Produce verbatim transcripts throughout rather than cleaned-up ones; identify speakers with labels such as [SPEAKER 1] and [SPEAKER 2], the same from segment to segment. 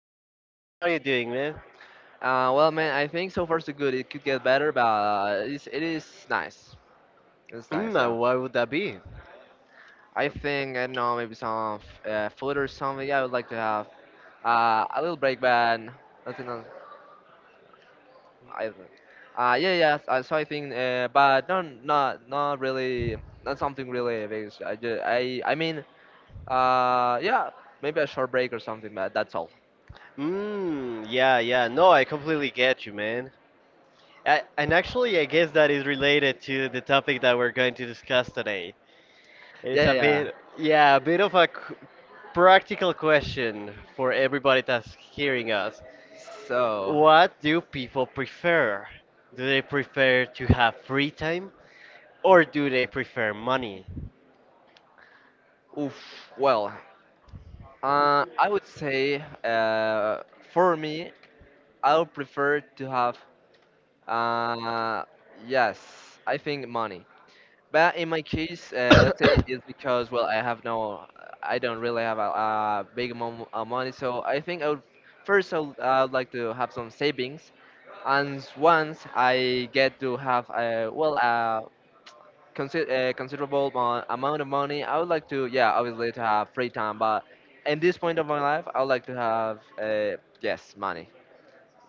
[SPEAKER 1] with my friend. How are you doing, man?
[SPEAKER 2] Uh, well, man, I think so far so good. It could get better, but uh, it's, it is nice. It's
[SPEAKER 1] Mm,
[SPEAKER 2] nice,
[SPEAKER 1] uh,
[SPEAKER 2] yeah.
[SPEAKER 1] why would that be?
[SPEAKER 2] I think, I don't know, maybe some f- uh, food or something. Yeah, I would like to have uh, a little break, but nothing else. I, uh, yeah, yeah. s- Uh, so I think, uh, but not, not, not really, not something really big. So I, ju- I, I mean, uh, yeah, maybe a short break or something, but that's all.
[SPEAKER 1] Mm, yeah, yeah. No, I completely get you, man. I, and actually, I guess that is related to the topic that we're going to discuss today. It's
[SPEAKER 2] Yeah,
[SPEAKER 1] a
[SPEAKER 2] yeah. yeah.
[SPEAKER 1] bit, yeah, a bit of a c- practical question for everybody that's hearing us.
[SPEAKER 2] So,
[SPEAKER 1] What do people prefer? Do they prefer to have free time or do they prefer money?
[SPEAKER 2] oof. Well, uh, I would say, uh, for me, I would prefer to have, uh, yes, I think money. But in my case, uh, let's say it's because, well, I have no, I don't really have a, a big amount of money. So I think I would, first, I would, I would like to have some savings. And s- once I get to have, a, well, a, consi- a considerable mo- amount of money, I would like to, yeah, obviously to have free time. But in this point of my life, I would like to have, uh, yes, money,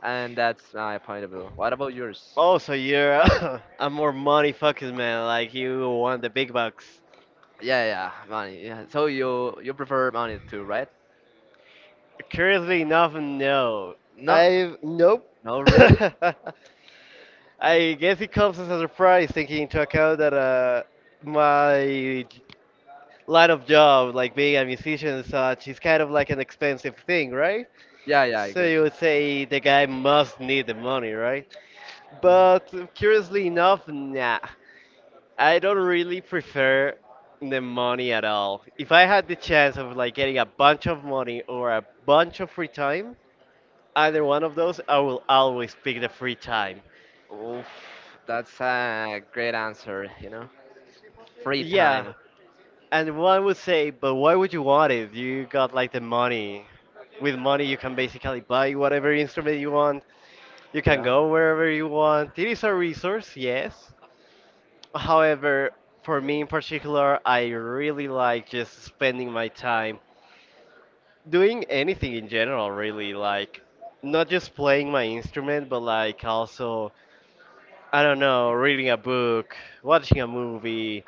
[SPEAKER 2] and that's my point of view. What about yours?
[SPEAKER 1] Oh, so you're a a more money focused man, like you want the big bucks.
[SPEAKER 2] Yeah, yeah, money. Yeah. So you you prefer money too, right?
[SPEAKER 1] Curiously enough, no.
[SPEAKER 2] No,
[SPEAKER 1] I Nope.
[SPEAKER 2] no, really?
[SPEAKER 1] I guess it comes as a surprise, taking into account that uh, my line of job, like being a musician and such, is kind of like an expensive thing, right?
[SPEAKER 2] Yeah, yeah, I
[SPEAKER 1] So
[SPEAKER 2] got
[SPEAKER 1] you
[SPEAKER 2] you.
[SPEAKER 1] would say the guy must need the money, right?
[SPEAKER 2] Mhm.
[SPEAKER 1] But curiously enough, nah. I don't really prefer the money at all. If I had the chance of like getting a bunch of money or a bunch of free time, either one of those, I will always pick the free time.
[SPEAKER 2] Oof, that's a great answer. You know, free
[SPEAKER 1] Yeah,
[SPEAKER 2] time.
[SPEAKER 1] and one would say, but why would you want it? You got like the money. With money, you can basically buy whatever instrument you want. You can
[SPEAKER 2] Yeah.
[SPEAKER 1] go wherever you want. It is a resource, yes. However, for me in particular, I really like just spending my time doing anything in general, really, like not just playing my instrument but like also, I don't know, reading a book, watching a movie,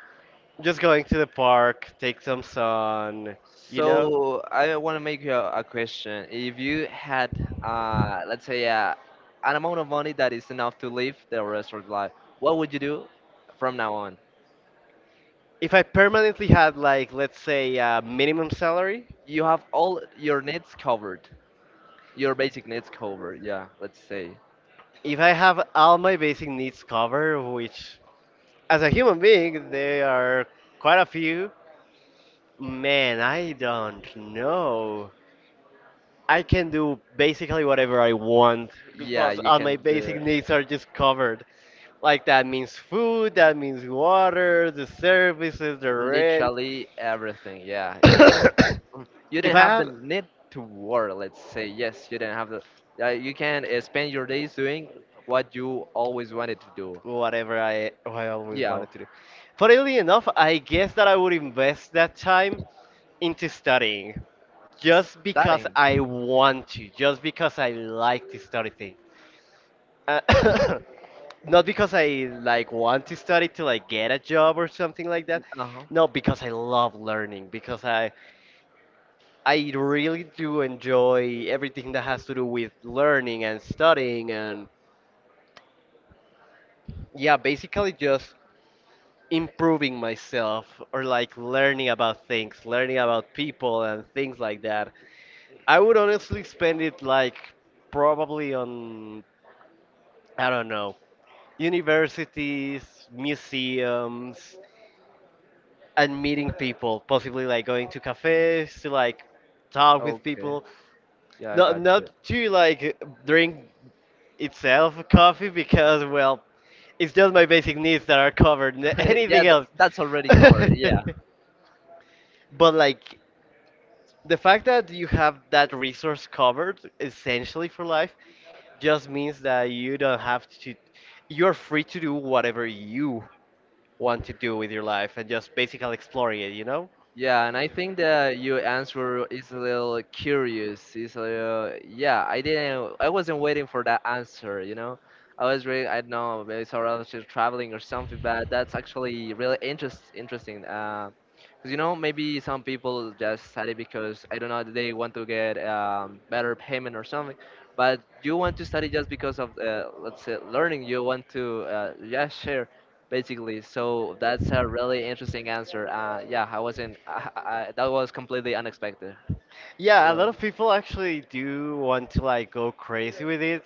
[SPEAKER 1] just going to the park, take some sun, you know
[SPEAKER 2] So I want to make you a, a question. If you had, uh, let's say, uh, an amount of money that is enough to live the rest of your life, what would you do from now on?
[SPEAKER 1] if I permanently had, like, let's say a minimum salary.
[SPEAKER 2] You have all your needs covered. Your basic needs covered, yeah, let's say.
[SPEAKER 1] If I have all my basic needs covered, which as a human being there are quite a few, man, I don't know, I can do basically whatever I want
[SPEAKER 2] Yeah,
[SPEAKER 1] because
[SPEAKER 2] you
[SPEAKER 1] all my
[SPEAKER 2] can
[SPEAKER 1] basic
[SPEAKER 2] do
[SPEAKER 1] needs are just covered. Like that means food, that means water, the services, the rent.
[SPEAKER 2] literally everything, yeah. You mm, you
[SPEAKER 1] If
[SPEAKER 2] don't
[SPEAKER 1] I
[SPEAKER 2] have the
[SPEAKER 1] had
[SPEAKER 2] need to work, let's say. Yes, you don't have the uh, you can uh, spend your days doing what you always wanted to do.
[SPEAKER 1] whatever I I always
[SPEAKER 2] Yeah,
[SPEAKER 1] wanted to do. Funnily enough, I guess that I would invest that time into studying, just because
[SPEAKER 2] studying.
[SPEAKER 1] I want to, just because I like to study things. Uh, not because I like want to study to like get a job or something like that.
[SPEAKER 2] Uh-huh.
[SPEAKER 1] No, because I love learning. Because I I really do enjoy everything that has to do with learning and studying and, yeah, basically just improving myself or like learning about things, learning about people and things like that. I would honestly spend it like probably on, I don't know, universities, museums, and meeting people, possibly like going to cafes to like talk with
[SPEAKER 2] Okay.
[SPEAKER 1] people.
[SPEAKER 2] Yeah, I
[SPEAKER 1] Not
[SPEAKER 2] got you.
[SPEAKER 1] not to like drink itself coffee because, well, it's just my basic needs that are covered. n-
[SPEAKER 2] Yeah,
[SPEAKER 1] Anything
[SPEAKER 2] th
[SPEAKER 1] else,
[SPEAKER 2] That's already covered. Yeah.
[SPEAKER 1] but like the fact that you have that resource covered essentially for life just means that you don't have to. You're free to do whatever you want to do with your life and just basically exploring it. You know.
[SPEAKER 2] Yeah, and I think that your answer is a little curious. Is a little, yeah, I didn't, I wasn't waiting for that answer, you know? I was really, I don't know, maybe it's around just traveling or something, but that's actually really interest, interesting. Uh, Because, you know, maybe some people just study because, I don't know, they want to get um, better payment or something, but you want to study just because of, uh, let's say, learning. You want to, uh, yeah, share. Basically, so that's a really interesting answer. Uh, yeah, I wasn't. I, I, I- that was completely unexpected.
[SPEAKER 1] Yeah, a
[SPEAKER 2] Really.
[SPEAKER 1] lot of people actually do want to like go crazy with it.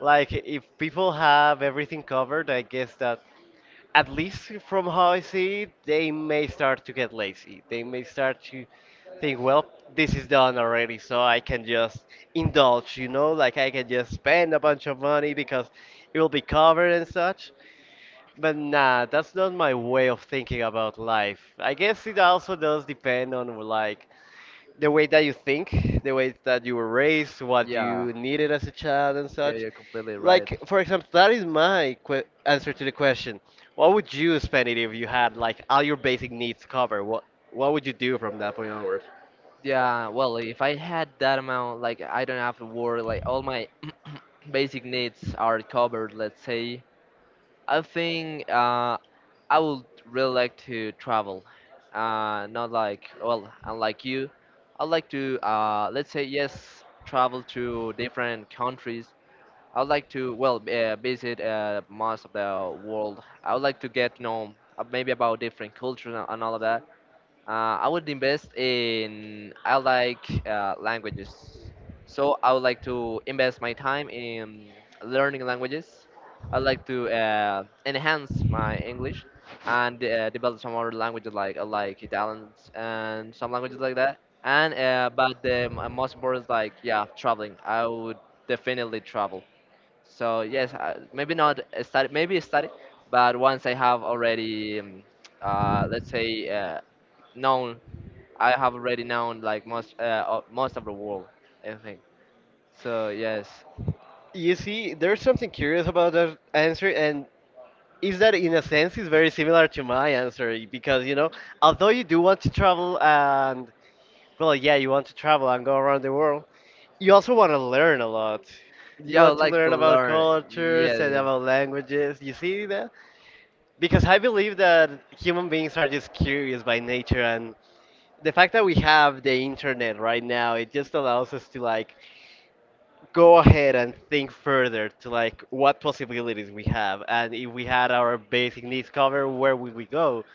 [SPEAKER 1] Like if people have everything covered, I guess that, at least from how I see it, they may start to get lazy. They may start to think, well, this is done already, so I can just indulge, you know, like I can just spend a bunch of money because it will be covered and such. But nah, that's not my way of thinking about life. I guess it also does depend on like the way that you think, the way that you were raised, what
[SPEAKER 2] Yeah,
[SPEAKER 1] you needed as a child, and
[SPEAKER 2] yeah,
[SPEAKER 1] such.
[SPEAKER 2] you're completely right.
[SPEAKER 1] Like, for example, that is my que- answer to the question. What would you spend it if you had like all your basic needs covered? What What would you do from that point onward?
[SPEAKER 2] Yeah, well, if I had that amount, like I don't have to worry, like all my basic needs are covered, let's say. I think uh, I would really like to travel. Uh, not like, well, unlike you, I'd like to, uh, let's say, yes, travel to different countries. I would like to, well, uh, visit uh, most of the world. I would like to get to know, uh, maybe about different cultures and, and all of that. Uh, I would invest in, I like, uh, languages, so I would like to invest my time in learning languages. I like to uh, enhance my English and uh, develop some other languages like uh, like Italian and some languages like that. And uh, but the m- most important is like, yeah, traveling. I would definitely travel. So yes, uh, maybe not a study, maybe a study, but once I have already, um, uh, let's say, uh, known, I have already known like most uh, o- most of the world, I think. So yes,
[SPEAKER 1] You see, there's something curious about that answer, and is that in a sense is very similar to my answer because, you know, although you do want to travel and, well, yeah, you want to travel and go around the world, you also want to learn a lot. You
[SPEAKER 2] yeah, I
[SPEAKER 1] want
[SPEAKER 2] would
[SPEAKER 1] to
[SPEAKER 2] like to
[SPEAKER 1] learn about
[SPEAKER 2] learn.
[SPEAKER 1] cultures and
[SPEAKER 2] Yeah,
[SPEAKER 1] about languages. You see that? Because I believe that human beings are just curious by nature, and the fact that we have the internet right now, it just allows us to like go ahead and think further to like what possibilities we have, and if we had our basic needs covered, where would we go?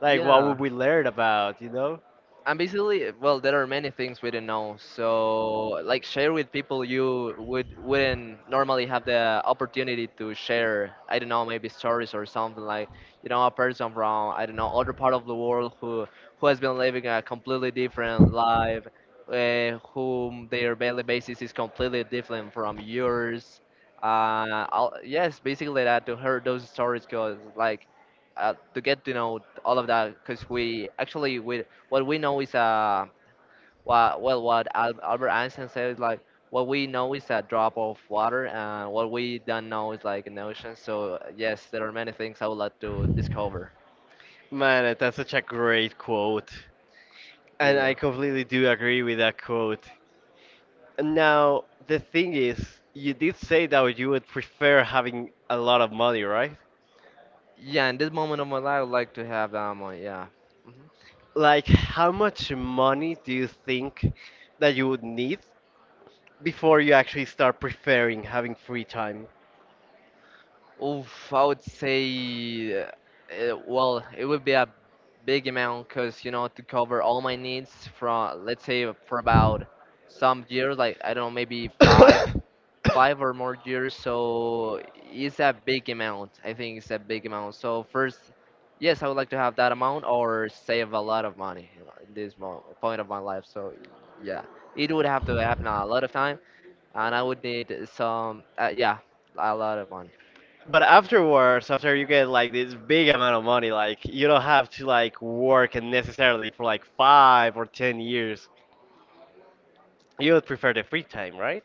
[SPEAKER 1] Like, what
[SPEAKER 2] yeah,
[SPEAKER 1] would we learn about? You know?
[SPEAKER 2] and basically, well, there are many things we do not know, so like share with people you would, wouldn't normally have the opportunity to share. I don't know, maybe stories or something like, you know, a person from, I don't know, other part of the world, who who has been living a completely different life, uh, whom their daily basis is completely different from yours. Uh I'll, yes, basically that, to hear those stories, because like, uh, to get to know all of that. Because we actually we what we know is a, well, well, what Al- Albert Einstein said is like, what we know is a drop of water, and what we don't know is like an ocean. So yes, there are many things I would like to discover.
[SPEAKER 1] Man, that's such a great quote,
[SPEAKER 2] Yeah,
[SPEAKER 1] and I
[SPEAKER 2] yeah.
[SPEAKER 1] completely do agree with that quote. And now, the thing is, you did say that you would prefer having a lot of money, right?
[SPEAKER 2] Yeah, in this moment of my life, I would like to have that money. Yeah. Mhm.
[SPEAKER 1] Like, how much money do you think that you would need before you actually start preferring having free time?
[SPEAKER 2] Oof, I would say, uh, uh, well, it would be a big amount, because, you know, to cover all my needs from, let's say, for about some years, like I don't know, maybe five five or more years, so it's a big amount. I think it's a big amount. So first, yes, I would like to have that amount or save a lot of money in this mo- point of my life. So yeah, it would have to happen a lot of time, and I would need some, uh, yeah, a lot of money.
[SPEAKER 1] But afterwards, after you get like this big amount of money, like you don't have to like work and necessarily for like five or ten years. You would prefer the free time, right?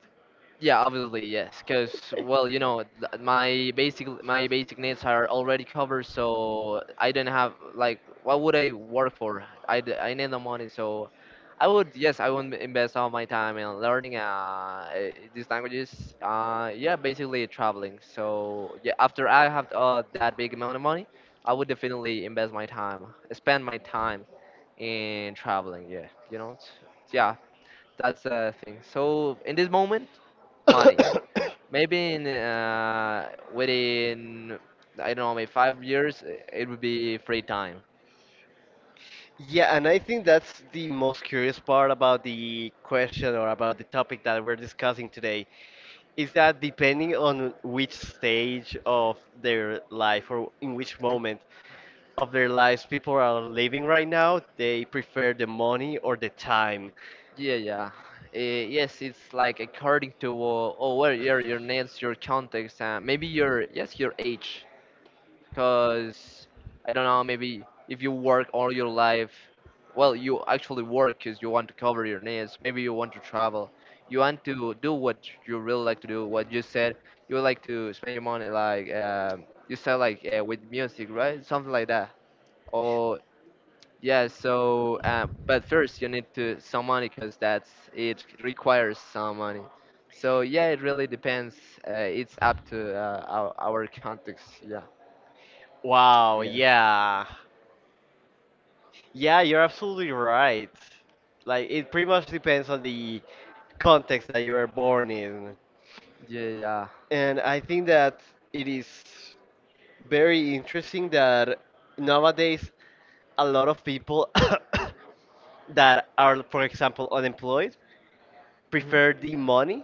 [SPEAKER 2] Yeah, obviously, yes, because, well, you know, th- my basic my basic needs are already covered, so I don't have like what would I work for? I, d- I need the money, so I would, yes, I would invest all my time in learning uh eh, these languages. Uh, yeah, basically traveling. So yeah, after I have uh, that big amount of money, I would definitely invest my time, spend my time in traveling. Yeah, you know, t- yeah, that's the thing. So in this moment, money. Maybe in, uh, within, I don't know, maybe five years, uh, it would be free time.
[SPEAKER 1] Yeah, and I think that's the most curious part about the question or about the topic that we're discussing today is that depending on which stage of their life or in which moment of their lives people are living right now, they prefer the money or the time.
[SPEAKER 2] Yeah, yeah. Eh, yes, it's like, according to, uh, oh, where your your nails, your context, uh, maybe your, yes, your age. Because I don't know, maybe if you work all your life, well, you actually work because you want to cover your needs. Maybe you want to travel. You want to do what you really like to do. What you said, you would like to spend your money, like, um, you said, like, uh, with music, right? Something like that. Or yeah. So, um, but first you need to some money, because that's, it requires some money. So yeah, it really depends. Uh, it's up to, uh, our, our context. Yeah.
[SPEAKER 1] Wow,
[SPEAKER 2] Yeah.
[SPEAKER 1] yeah. Yeah, you're absolutely right. Like, it pretty much depends on the context that you are born in.
[SPEAKER 2] Yeah. Yeah.
[SPEAKER 1] And I think that it is very interesting that nowadays a lot of people that are, for example, unemployed
[SPEAKER 2] Mhm.
[SPEAKER 1] prefer the money,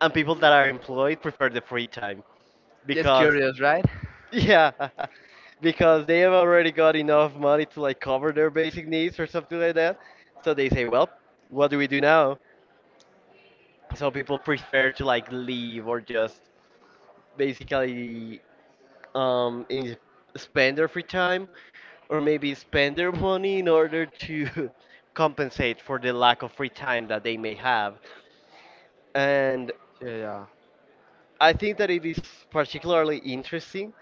[SPEAKER 1] and people that are employed prefer the free time
[SPEAKER 2] Just
[SPEAKER 1] because.
[SPEAKER 2] curious, right?
[SPEAKER 1] Yeah, because they have already got enough money to like cover their basic needs or something like that. So they say, well, what do we do now? So people prefer to like leave or just basically, um in, spend their free time or maybe spend their money in order to compensate for the lack of free time that they may have. And
[SPEAKER 2] Yeah, yeah.
[SPEAKER 1] I think that it is particularly interesting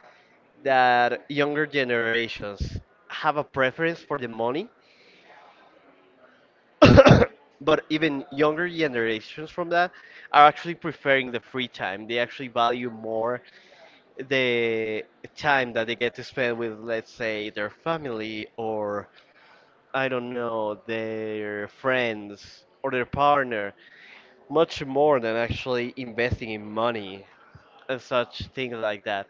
[SPEAKER 1] that younger generations have a preference for the money, but even younger generations from that are actually preferring the free time. They actually value more the time that they get to spend with, let's say, their family or, I don't know, their friends or their partner, much more than actually investing in money and such things like that.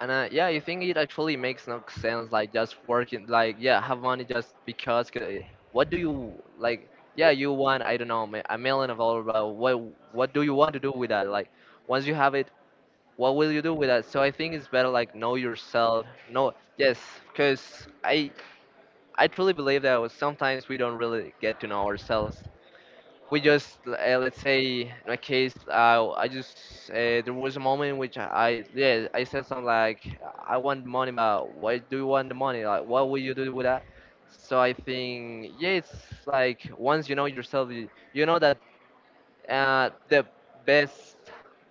[SPEAKER 2] And uh, yeah, you think it actually makes no sense, like just working, like yeah, have money just because. 'Cause it- what do you like? Yeah, you want, I don't know, ma- a million of dollars, but what what do you want to do with that? Like, once you have it, what will you do with that? So I think it's better, like, know yourself. Know, yes, because I I truly believe that sometimes we don't really get to know ourselves. We just, uh, let's say, in my case, uh, I just uh, there was a moment in which i I, yeah, I said something like, I want the money, but why do you want the money, like, what will you do with that? So I think, yeah, it's like, once you know yourself, you, you know that uh, the best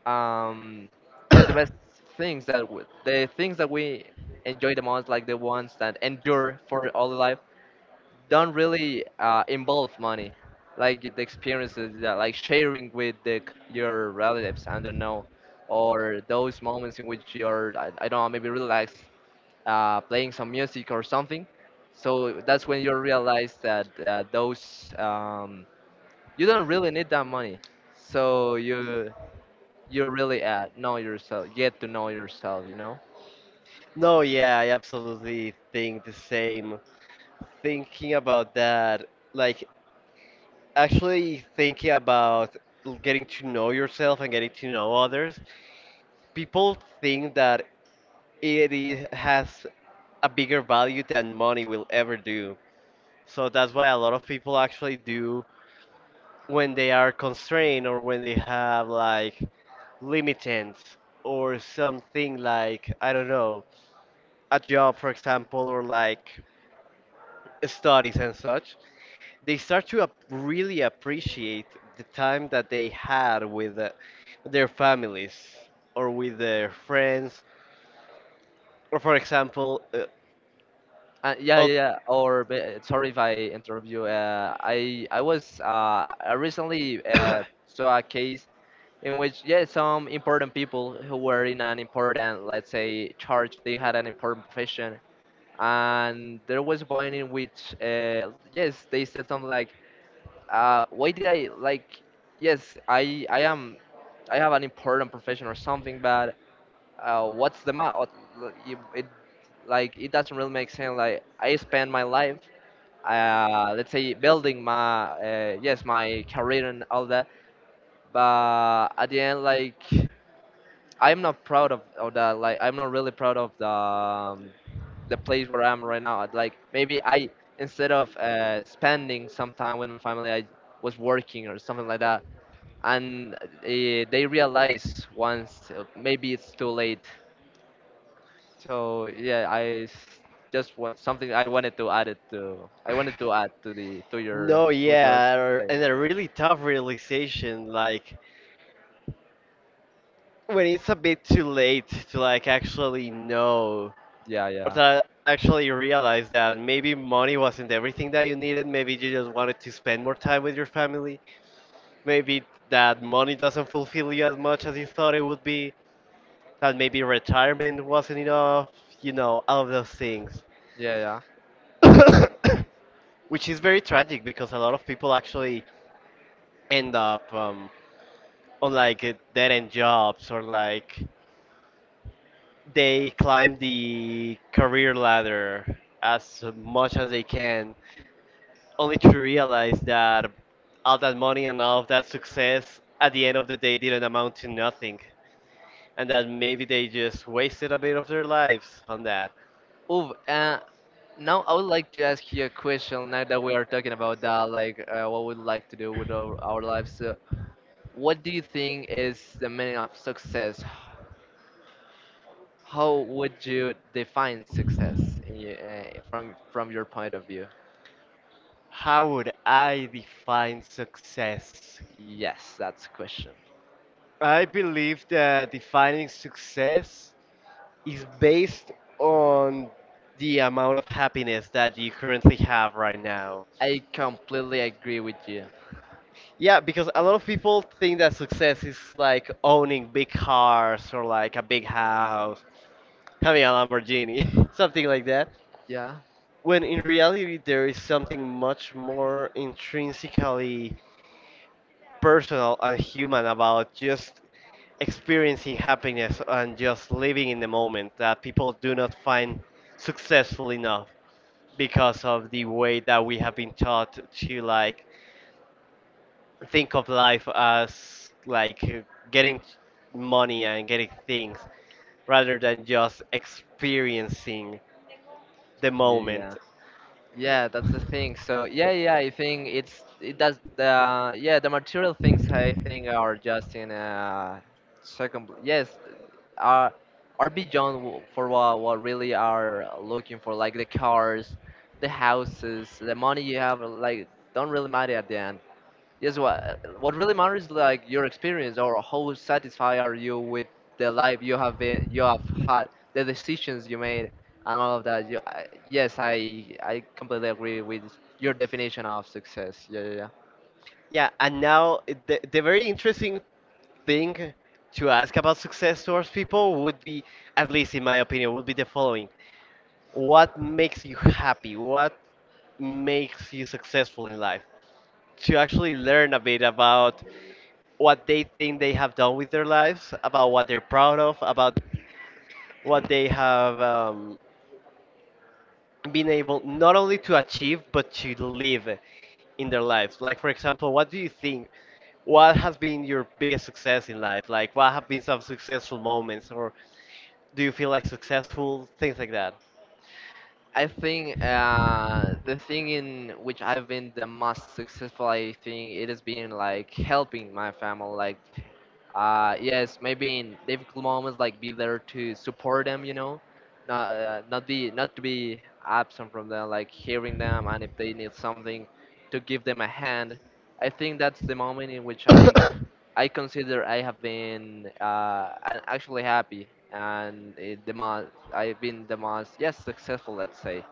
[SPEAKER 2] um yes, the best things that w- the things that we enjoy the most, like the ones that endure for all life, don't really uh, involve money, like the experiences, that like sharing with the, c- your relatives. I don't know, or those moments in which you're, I, I don't know, maybe relax, uh, playing some music or something. So that's when you realize that uh, those um, you don't really need that money. So you you really, uh, know yourself, get to know yourself, you know.
[SPEAKER 1] No, yeah, I absolutely think the same. Thinking about that, like actually thinking about l- getting to know yourself and getting to know others, people think that it is, has a bigger value than money will ever do. So that's why a lot of people actually do when they are constrained or when they have like limitants or something, like, I don't know, a job, for example, or like studies and such, they start to ap- really appreciate the time that they had with uh, their families or with their friends. Or, for example, uh,
[SPEAKER 2] Uh, yeah,
[SPEAKER 1] oh.
[SPEAKER 2] yeah. yeah. Or ba- sorry if I interrupt you. Uh, I I was, uh, I recently uh, saw a case in which, yeah, some important people who were in an important, let's say, charge. They had an important profession, and there was a point in which, uh, yes, they said something like, uh, "Why did I like? Yes, I I am, I have an important profession or something, but." Uh, what's the matter? It
[SPEAKER 1] Like
[SPEAKER 2] like, it
[SPEAKER 1] that's
[SPEAKER 2] doesn't
[SPEAKER 1] what
[SPEAKER 2] really make
[SPEAKER 1] makes me
[SPEAKER 2] sense.
[SPEAKER 1] like,
[SPEAKER 2] Like, I
[SPEAKER 1] face of
[SPEAKER 2] spend
[SPEAKER 1] my
[SPEAKER 2] my
[SPEAKER 1] life.
[SPEAKER 2] life, uh, let's
[SPEAKER 1] Uh,
[SPEAKER 2] say,
[SPEAKER 1] a building.
[SPEAKER 2] building
[SPEAKER 1] Uh,
[SPEAKER 2] my, uh,
[SPEAKER 1] I guess
[SPEAKER 2] yes,
[SPEAKER 1] my
[SPEAKER 2] my
[SPEAKER 1] career
[SPEAKER 2] career and
[SPEAKER 1] all
[SPEAKER 2] all
[SPEAKER 1] that.
[SPEAKER 2] that, but
[SPEAKER 1] Uh,
[SPEAKER 2] at
[SPEAKER 1] and
[SPEAKER 2] the
[SPEAKER 1] then
[SPEAKER 2] end,
[SPEAKER 1] like,
[SPEAKER 2] like,
[SPEAKER 1] I'm
[SPEAKER 2] I'm not
[SPEAKER 1] proud
[SPEAKER 2] proud
[SPEAKER 1] of.
[SPEAKER 2] of, of
[SPEAKER 1] Uh,
[SPEAKER 2] that.
[SPEAKER 1] like
[SPEAKER 2] Like,
[SPEAKER 1] I'm
[SPEAKER 2] I'm not
[SPEAKER 1] really
[SPEAKER 2] really proud
[SPEAKER 1] proud of.
[SPEAKER 2] of the, um,
[SPEAKER 1] Uh,
[SPEAKER 2] the
[SPEAKER 1] the
[SPEAKER 2] place where
[SPEAKER 1] playground.
[SPEAKER 2] I'm right now. I'd
[SPEAKER 1] Like
[SPEAKER 2] like,
[SPEAKER 1] maybe
[SPEAKER 2] maybe
[SPEAKER 1] I,
[SPEAKER 2] I, instead
[SPEAKER 1] instead of
[SPEAKER 2] of
[SPEAKER 1] spending
[SPEAKER 2] uh, spending some time with my
[SPEAKER 1] some
[SPEAKER 2] family,
[SPEAKER 1] money,
[SPEAKER 2] I was
[SPEAKER 1] I'm like working
[SPEAKER 2] working or
[SPEAKER 1] so
[SPEAKER 2] something like that.
[SPEAKER 1] that. And
[SPEAKER 2] And uh,
[SPEAKER 1] they
[SPEAKER 2] they
[SPEAKER 1] realize
[SPEAKER 2] realize
[SPEAKER 1] once
[SPEAKER 2] once, uh,
[SPEAKER 1] maybe
[SPEAKER 2] maybe it's too
[SPEAKER 1] some
[SPEAKER 2] late.
[SPEAKER 1] days.
[SPEAKER 2] So yeah, I s- just want something, I wanted to add it to. I wanted to add to the, to your,
[SPEAKER 1] No,
[SPEAKER 2] to your
[SPEAKER 1] yeah, or-
[SPEAKER 2] thing.
[SPEAKER 1] and a really tough realization, like when it's a bit too late to like actually know
[SPEAKER 2] Yeah,
[SPEAKER 1] or
[SPEAKER 2] yeah,
[SPEAKER 1] to actually realize that maybe money wasn't everything that you needed. Maybe you just wanted to spend more time with your family. Maybe that money doesn't fulfill you as much as you thought it would be. That maybe retirement wasn't enough, you know, all of those things.
[SPEAKER 2] yeah, yeah. I got it.
[SPEAKER 1] Which is very tragic because a lot of people actually end up, um, on like uh, dead end jobs or like they climb the career ladder as much as they can, only to realize that all that money and all of that success at the end of the day didn't amount to nothing, and that maybe they just wasted a bit of their lives on that.
[SPEAKER 2] Ooh, uh, now I would like to ask you a question. Now that we are talking about that, like uh, what we'd like to do with our, our lives, uh, what do you think is the meaning of success? How would you define success in your- uh, from from your point of view?
[SPEAKER 1] How would I define success?
[SPEAKER 2] Yes, that's a question.
[SPEAKER 1] I believe that defining success is based on the amount of happiness that you currently have right now.
[SPEAKER 2] I completely agree with you.
[SPEAKER 1] Yeah, because a lot of people think that success is like owning big cars or like a big house, having a Lamborghini, something like that.
[SPEAKER 2] Yeah.
[SPEAKER 1] When in reality, there is something much more intrinsically personal and human about just experiencing happiness and just living in the moment that people do not find successful enough. Because of the way that we have been taught to like think of life as like getting money and getting things rather than just experiencing the
[SPEAKER 2] Yeah, yeah,
[SPEAKER 1] moment.
[SPEAKER 2] yeah. That's the thing. So, yeah, yeah. I think it's it does the yeah, the material things I think are just in a second. pl- Yes, are are beyond w- for what what really are looking for, like the cars, the houses, the money you have, like, don't really matter at the end. Yes, what what really matters is like your experience or how satisfied are you with the life you have been you have had, the decisions you made, and all of that. You, I, yes, I I completely agree with your definition of success. Yeah, yeah, yeah.
[SPEAKER 1] Yeah, and now the, the very interesting thing to ask about success towards people would be, at least in my opinion, would be the following. What makes you happy? What makes you successful in life? To actually learn a bit about what they think they have done with their lives, about what they're proud of, about what they have um, been able not only to achieve but to live in their lives. Like, for example, what do you think? What has been your biggest success in life? Like, what have been some successful moments, or do you feel like successful? Things like that.
[SPEAKER 2] I think uh, the thing in which I've been the most successful, I think it has been like helping my family, like uh, yes, maybe in difficult moments, like be there to support them, you know, not uh, not be not to be absent from them, like hearing them, and if they need something, to give them a hand. I think that's the moment in which I I consider I have been uh, I actually happy, and it, the most I've been the most, yes, successful, let's say,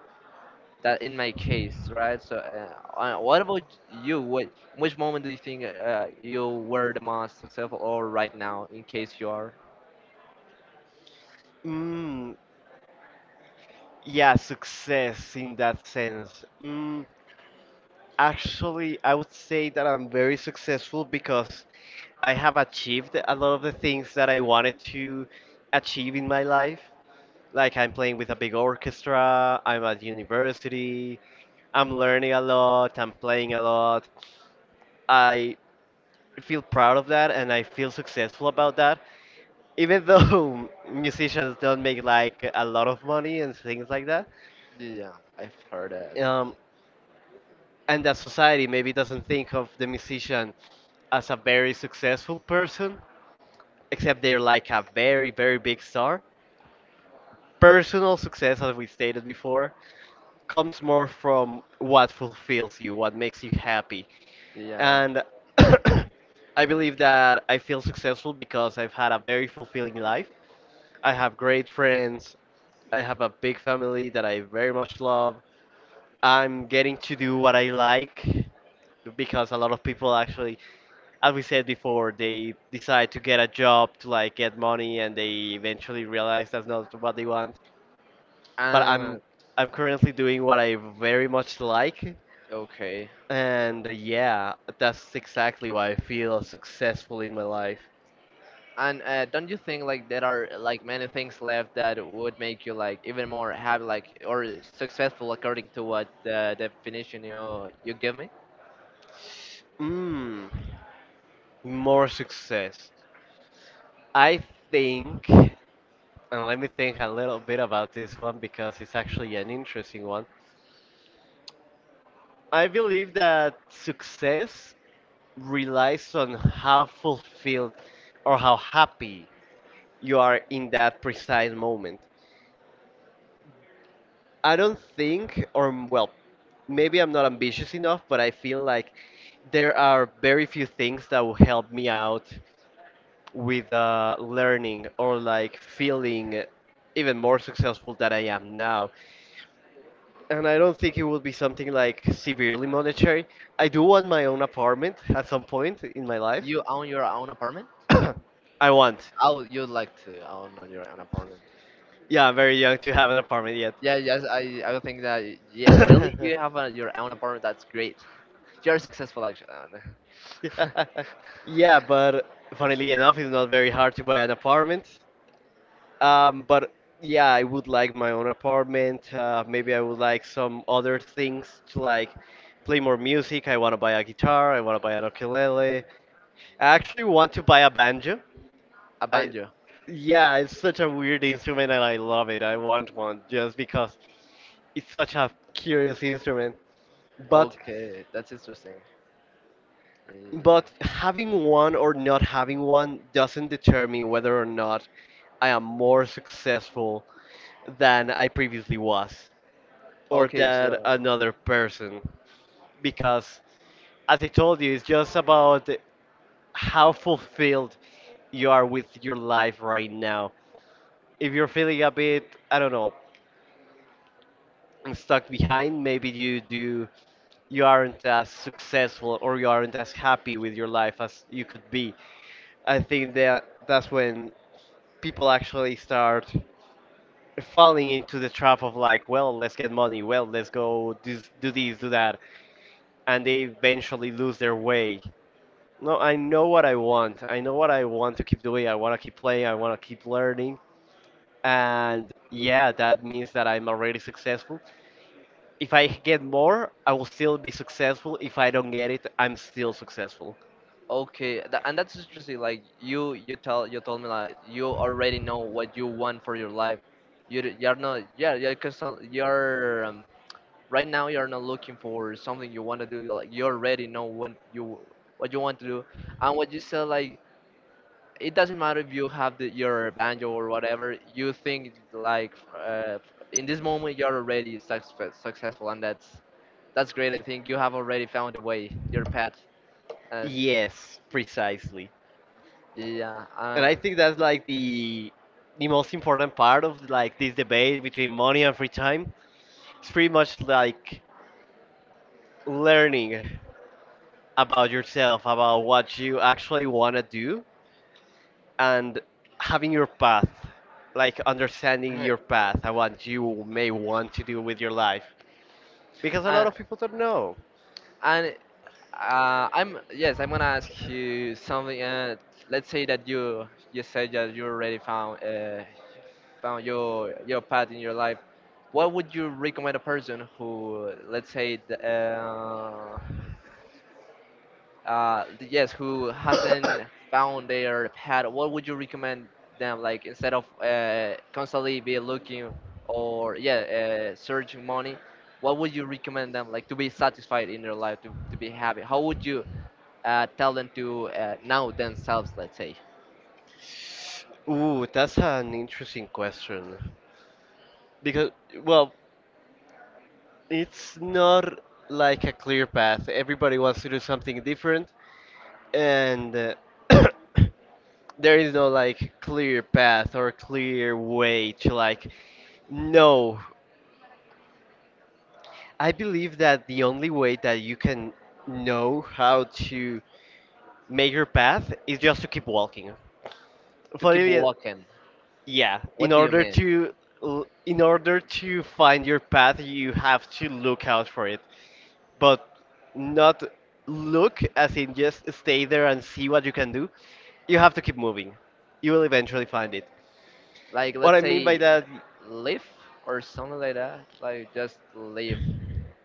[SPEAKER 2] that in my case, right? So, uh, uh, what about you? What which moment do you think uh, you were the most successful, or right now, in case you are?
[SPEAKER 1] Mm, yeah, success in that sense. Mm, Actually, I would say that I'm very successful because I have achieved a lot of the things that I wanted to achieve in my life. Like I'm playing with a big orchestra, I'm at university, I'm learning a lot, I'm playing a lot. I feel proud of that and I feel successful about that. Even though musicians don't make like a lot of money and things like that,
[SPEAKER 2] Yeah, I've heard that.
[SPEAKER 1] um, and that society maybe doesn't think of the musician as a very successful person, except they're like a very, very big star. Personal success, as we stated before, comes more from what fulfills you, what makes you happy.
[SPEAKER 2] Yeah.
[SPEAKER 1] And I believe that I feel successful because I've had a very fulfilling life. I have great friends. I have a big family that I very much love. I'm getting to do what I like because a lot of people actually, as we said before, they decide to get a job to like get money, and they eventually realize that's not what they want. But I'm
[SPEAKER 2] And
[SPEAKER 1] I'm currently doing what I very much like,
[SPEAKER 2] okay.
[SPEAKER 1] and uh, yeah, that's exactly why I feel successful in my life.
[SPEAKER 2] And uh, don't you think like there are like many things left that would make you like even more happy, like or successful, according to what the definition you you give me?
[SPEAKER 1] Mmm, more success. I think, and let me think a little bit about this one because it's actually an interesting one. I believe that success relies on how fulfilled or how happy you are in that precise moment. I don't think, or m- well, maybe I'm not ambitious enough, but I feel like there are very few things that will help me out with uh, learning or like feeling even more successful than I am now. And I don't think it would be something like severely monetary. I do want my own apartment at some point in my life.
[SPEAKER 2] You own your own apartment?
[SPEAKER 1] I want.
[SPEAKER 2] Oh, you'd like to own on your own apartment?
[SPEAKER 1] Yeah, I'm very young to have an apartment yet.
[SPEAKER 2] Yeah, yes, I, I would think that, yeah, really you have a, your own apartment. That's great. You're successful, actually. Uh, no.
[SPEAKER 1] Yeah, but funnily enough, it's not very hard to buy an apartment. Um, but yeah, I would like my own apartment. Uh, maybe I would like some other things to like play more music. I want to buy a guitar. I want to buy an ukulele. I actually want to buy a banjo.
[SPEAKER 2] A
[SPEAKER 1] I
[SPEAKER 2] banjo.
[SPEAKER 1] yeah, it's such a weird instrument and I love it. I want one just because it's such a curious instrument. But
[SPEAKER 2] Okay, that's interesting. Yeah.
[SPEAKER 1] But having one or not having one doesn't determine whether or not I am more successful than I previously was or
[SPEAKER 2] Okay,
[SPEAKER 1] than
[SPEAKER 2] so,
[SPEAKER 1] another person. Because, as I told you, it's just about how fulfilled you are with your life right now. If you're feeling a bit, I don't know, stuck behind, maybe you do you aren't as successful or you aren't as happy with your life as you could be. I think that that's when people actually start falling into the trap of like, well, let's get money, well, let's go this, do this, do that, and they eventually lose their way. No, I know what I want. I know what I want to keep doing. I want to keep playing. I want to keep learning. And yeah, that means that I'm already successful. If I get more, I will still be successful. If I don't get it, I'm still successful.
[SPEAKER 2] okay, tha- and that's interesting. Like you, you tell you told me, like, you already know what you want for your life. You d- you're not, yeah, yeah, because you're um, right now you're not looking for something you want to do. Like you already know what you what you want to do, and what you said, like, it doesn't matter if you have the, your banjo or whatever you think, like, uh, in this moment you're already success, successful, and that's that's great. I think you have already found a way, your path. uh,
[SPEAKER 1] Yes, precisely.
[SPEAKER 2] yeah.
[SPEAKER 1] And
[SPEAKER 2] uh,
[SPEAKER 1] I think that's like the the most important part of like this debate between money and free time. It's pretty much like learning about yourself, about what you actually want to do, and having your path, like understanding your path and what you may want to do with your life. Because a
[SPEAKER 2] uh,
[SPEAKER 1] lot of people don't know.
[SPEAKER 2] and uh, i'm yes I'm gonna ask you something. Uh, let's say that you you said that you already found uh, found your your path in your life. What would you recommend a person who, let's say, th- uh, uh th- yes, who hasn't found their path? What would you recommend them, like, instead of uh constantly be looking, or yeah, uh, searching money? What would you recommend them, like, to be satisfied in their life, to, to be happy? How would you uh, tell them to uh, know themselves, let's say?
[SPEAKER 1] Ooh, that's an interesting question. Because, well, it's not like a clear path. Everybody wants to do something different, and uh, there is no like clear path or clear way to like know. I believe that the only way that you can know how to make your path is just to keep walking.
[SPEAKER 2] To
[SPEAKER 1] For
[SPEAKER 2] keep
[SPEAKER 1] really,
[SPEAKER 2] walking?
[SPEAKER 1] yeah, in
[SPEAKER 2] What do you
[SPEAKER 1] order
[SPEAKER 2] mean?
[SPEAKER 1] to l- in order to find your path, you have to look out for it, but not look as in just stay there and see what you can do. You have to keep moving. You will eventually find it.
[SPEAKER 2] Like,
[SPEAKER 1] What
[SPEAKER 2] let's
[SPEAKER 1] I mean by
[SPEAKER 2] say,
[SPEAKER 1] that,
[SPEAKER 2] live or something like that, like just live,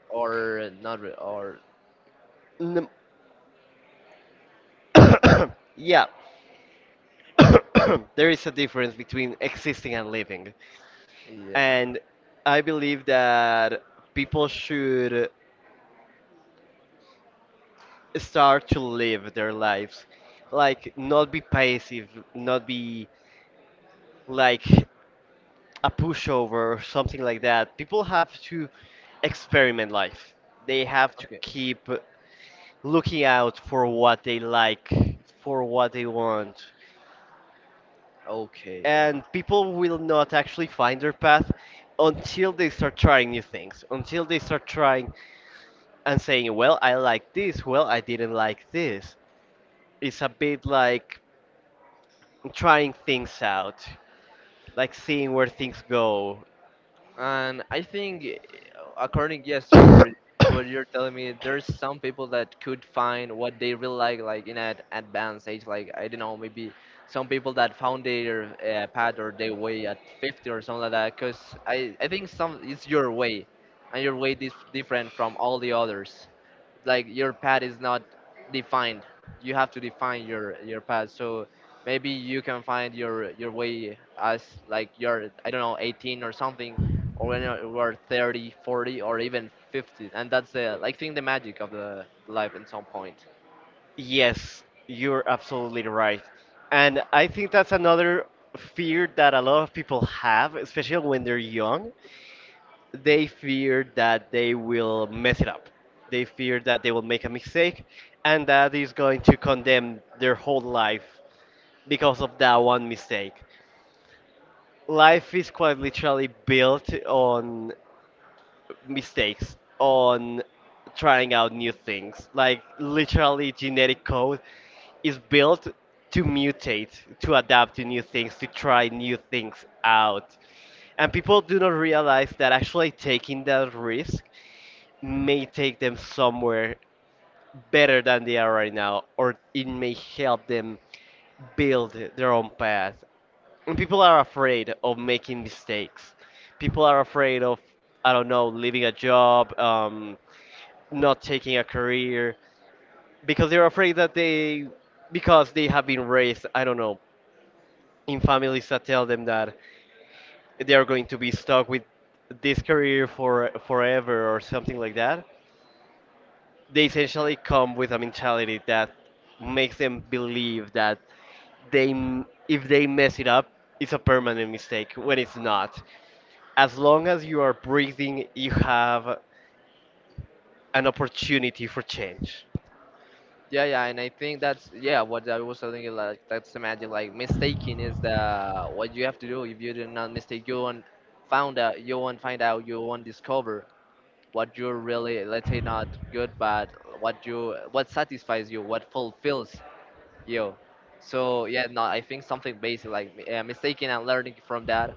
[SPEAKER 2] or not re- or
[SPEAKER 1] n- yeah, there is a difference between existing and living.
[SPEAKER 2] yeah.
[SPEAKER 1] And I believe that people should start to live their lives. Like, not be passive, not be like a pushover or something like that. People have to experiment life. They have to
[SPEAKER 2] Okay.
[SPEAKER 1] keep looking out for what they like, for what they want.
[SPEAKER 2] Okay, yeah.
[SPEAKER 1] And people will not actually find their path until they start trying new things, until they start trying and saying, well, I like this, well, I didn't like this. It's a bit like trying things out, like seeing where things go.
[SPEAKER 2] And I think, eh, according, yes, to your to what you're telling me, there's some people that could find what they really like, like in an advanced age. Like, I don't know, maybe some people that found their uh, path or their way at fifty or something like that. 'Cause I I think, some it's your way, and your way is different from all the others. Like your path is not defined. You have to define your your path. So maybe you can find your your way as, like, you're, I don't know, eighteen or something, or when you are thirty, forty, or even fifty. And that's the, like think the magic of the life in some point.
[SPEAKER 1] Yes, you're absolutely right. And I think that's another fear that a lot of people have, especially when they're young, they fear that they will mess it up. They fear that they will make a mistake and that is going to condemn their whole life because of that one mistake. Life is quite literally built on mistakes, on trying out new things. Like, literally, genetic code is built to mutate, to adapt to new things, to try new things out. And people do not realize that actually taking that risk may take them somewhere better than they are right now, or it may help them build their own path. And people are afraid of making mistakes. People are afraid of, I don't know, leaving a job, um, not taking a career, because they're afraid that they, because they have been raised, I don't know, in families that tell them that they are going to be stuck with this career for forever or something like that. They essentially come with a mentality that makes them believe that they m- if they mess it up, it's a permanent mistake when it's not. As long as you are breathing, you have an opportunity for change.
[SPEAKER 2] Yeah, yeah, and I think that's, yeah, what I was telling you, like, that's the magic. Like mistaking is the what you have to do. If you do not mistake, you won't found out you won't find out, you won't discover what you're really, let's say, not good, but what you what satisfies you, what fulfills you. So, yeah, no, I think something basic like uh, mistaking and learning from that,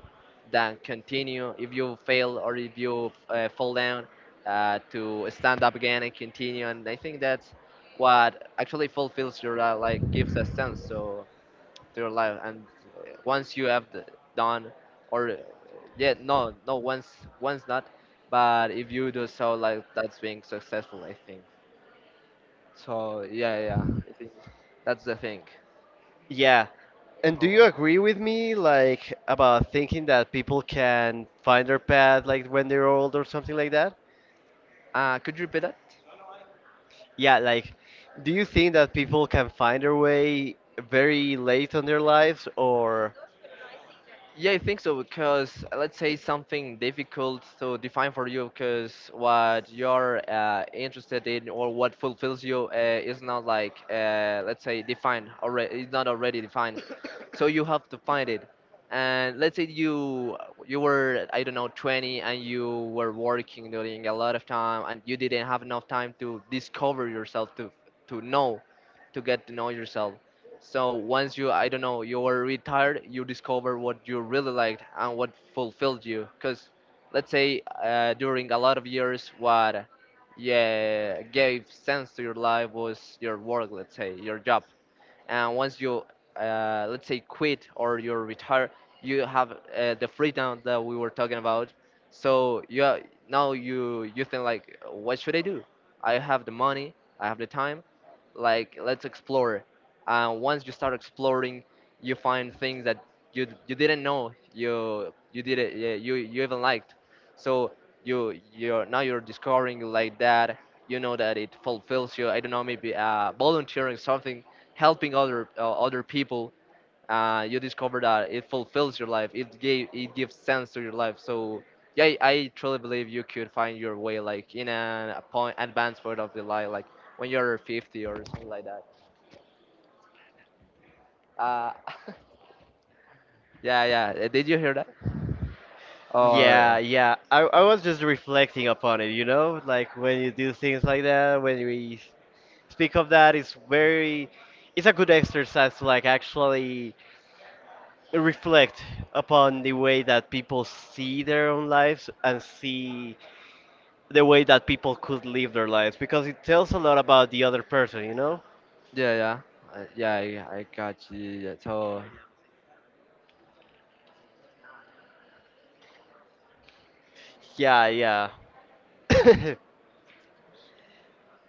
[SPEAKER 2] then continue. If you fail or if you uh, fall down, uh, to stand up again and continue. And I think that's what actually fulfills your, uh, like, gives a sense, so, to your life. And uh, once you have d- done or uh, yeah, no, no, once once not, but if you do so, like, that's being successful, I think. So, yeah, yeah, I think that's the thing.
[SPEAKER 1] Yeah, and
[SPEAKER 2] Oh,
[SPEAKER 1] do you
[SPEAKER 2] wow.
[SPEAKER 1] agree with me like about thinking that people can find their path like when they're old or something like that?
[SPEAKER 2] Uh could you repeat that?
[SPEAKER 1] Yeah, like do you think that people can find their way very late on their lives? Or
[SPEAKER 2] Yeah, I think so, because uh, let's say, something difficult to define for you, because what you're uh, interested in or what fulfills you uh, is not like, uh, let's say, defined already. It's not already defined, so you have to find it. And let's say you you were, I don't know, twenty, and you were working during a lot of time, and you didn't have enough time to discover yourself, to to know to get to know yourself. So once you, I don't know, you're retired, you discover what you really liked and what fulfilled you. Because, let's say, uh, during a lot of years, what, yeah, gave sense to your life was your work, let's say, your job, and once you, uh, let's say, quit or you retire, you have, uh, the freedom that we were talking about. So you are- now you you think, like, what should I do? I have the money, I have the time, like, let's explore. And once you start exploring, you find things that you you didn't know you you did it yeah, you you even liked. So you you're now you're discovering, like, that you know that it fulfills you, I don't know, maybe uh volunteering something, helping other uh, other people. Uh, you discover that it fulfills your life, it gave it gives sense to your life. So yeah, i I truly believe you could find your way, like, in an, a point advanced part of the life, like when you're fifty or something like that. uh, yeah, yeah. Uh, did you hear that? Or uh,
[SPEAKER 1] yeah, yeah. I, I was just reflecting upon it, you know? Like when you do things like that, when we speak of that, it's very, it's a good exercise to like actually reflect upon the way that people see their own lives and see the way that people could live their lives because it tells a lot about the other person, you know?
[SPEAKER 2] yeah, yeah. Uh, yeah, i, I got you, yeah, so.
[SPEAKER 1] Yeah, yeah.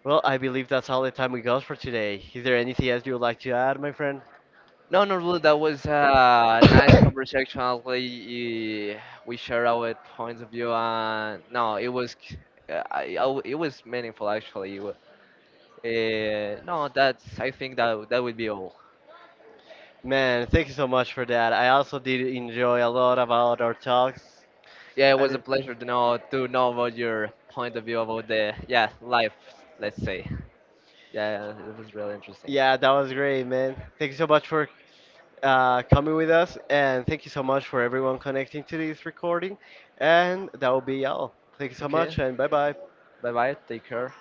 [SPEAKER 1] Well, I believe that's all the time we got for today. Is there anything else you would like to add, my friend?
[SPEAKER 2] No, no, really, that was a nice conversation. Honestly, eh, we share our points of view, and, no, it was, c- uh, I, I w- it was meaningful, actually. Uh, no, that's. I think that that would be all.
[SPEAKER 1] Man, thank you so much for that. I also did enjoy a lot about our talks.
[SPEAKER 2] Yeah, it
[SPEAKER 1] I
[SPEAKER 2] was a
[SPEAKER 1] did-
[SPEAKER 2] pleasure to know to know about your point of view about the, yeah, life. Let's say. Yeah, it was really interesting.
[SPEAKER 1] yeah, that was great, man. Thank you so much for uh, coming with us, and thank you so much for everyone connecting to this recording. And that will be all. Thank you so
[SPEAKER 2] Okay,
[SPEAKER 1] much, and bye bye.
[SPEAKER 2] bye bye. Take care.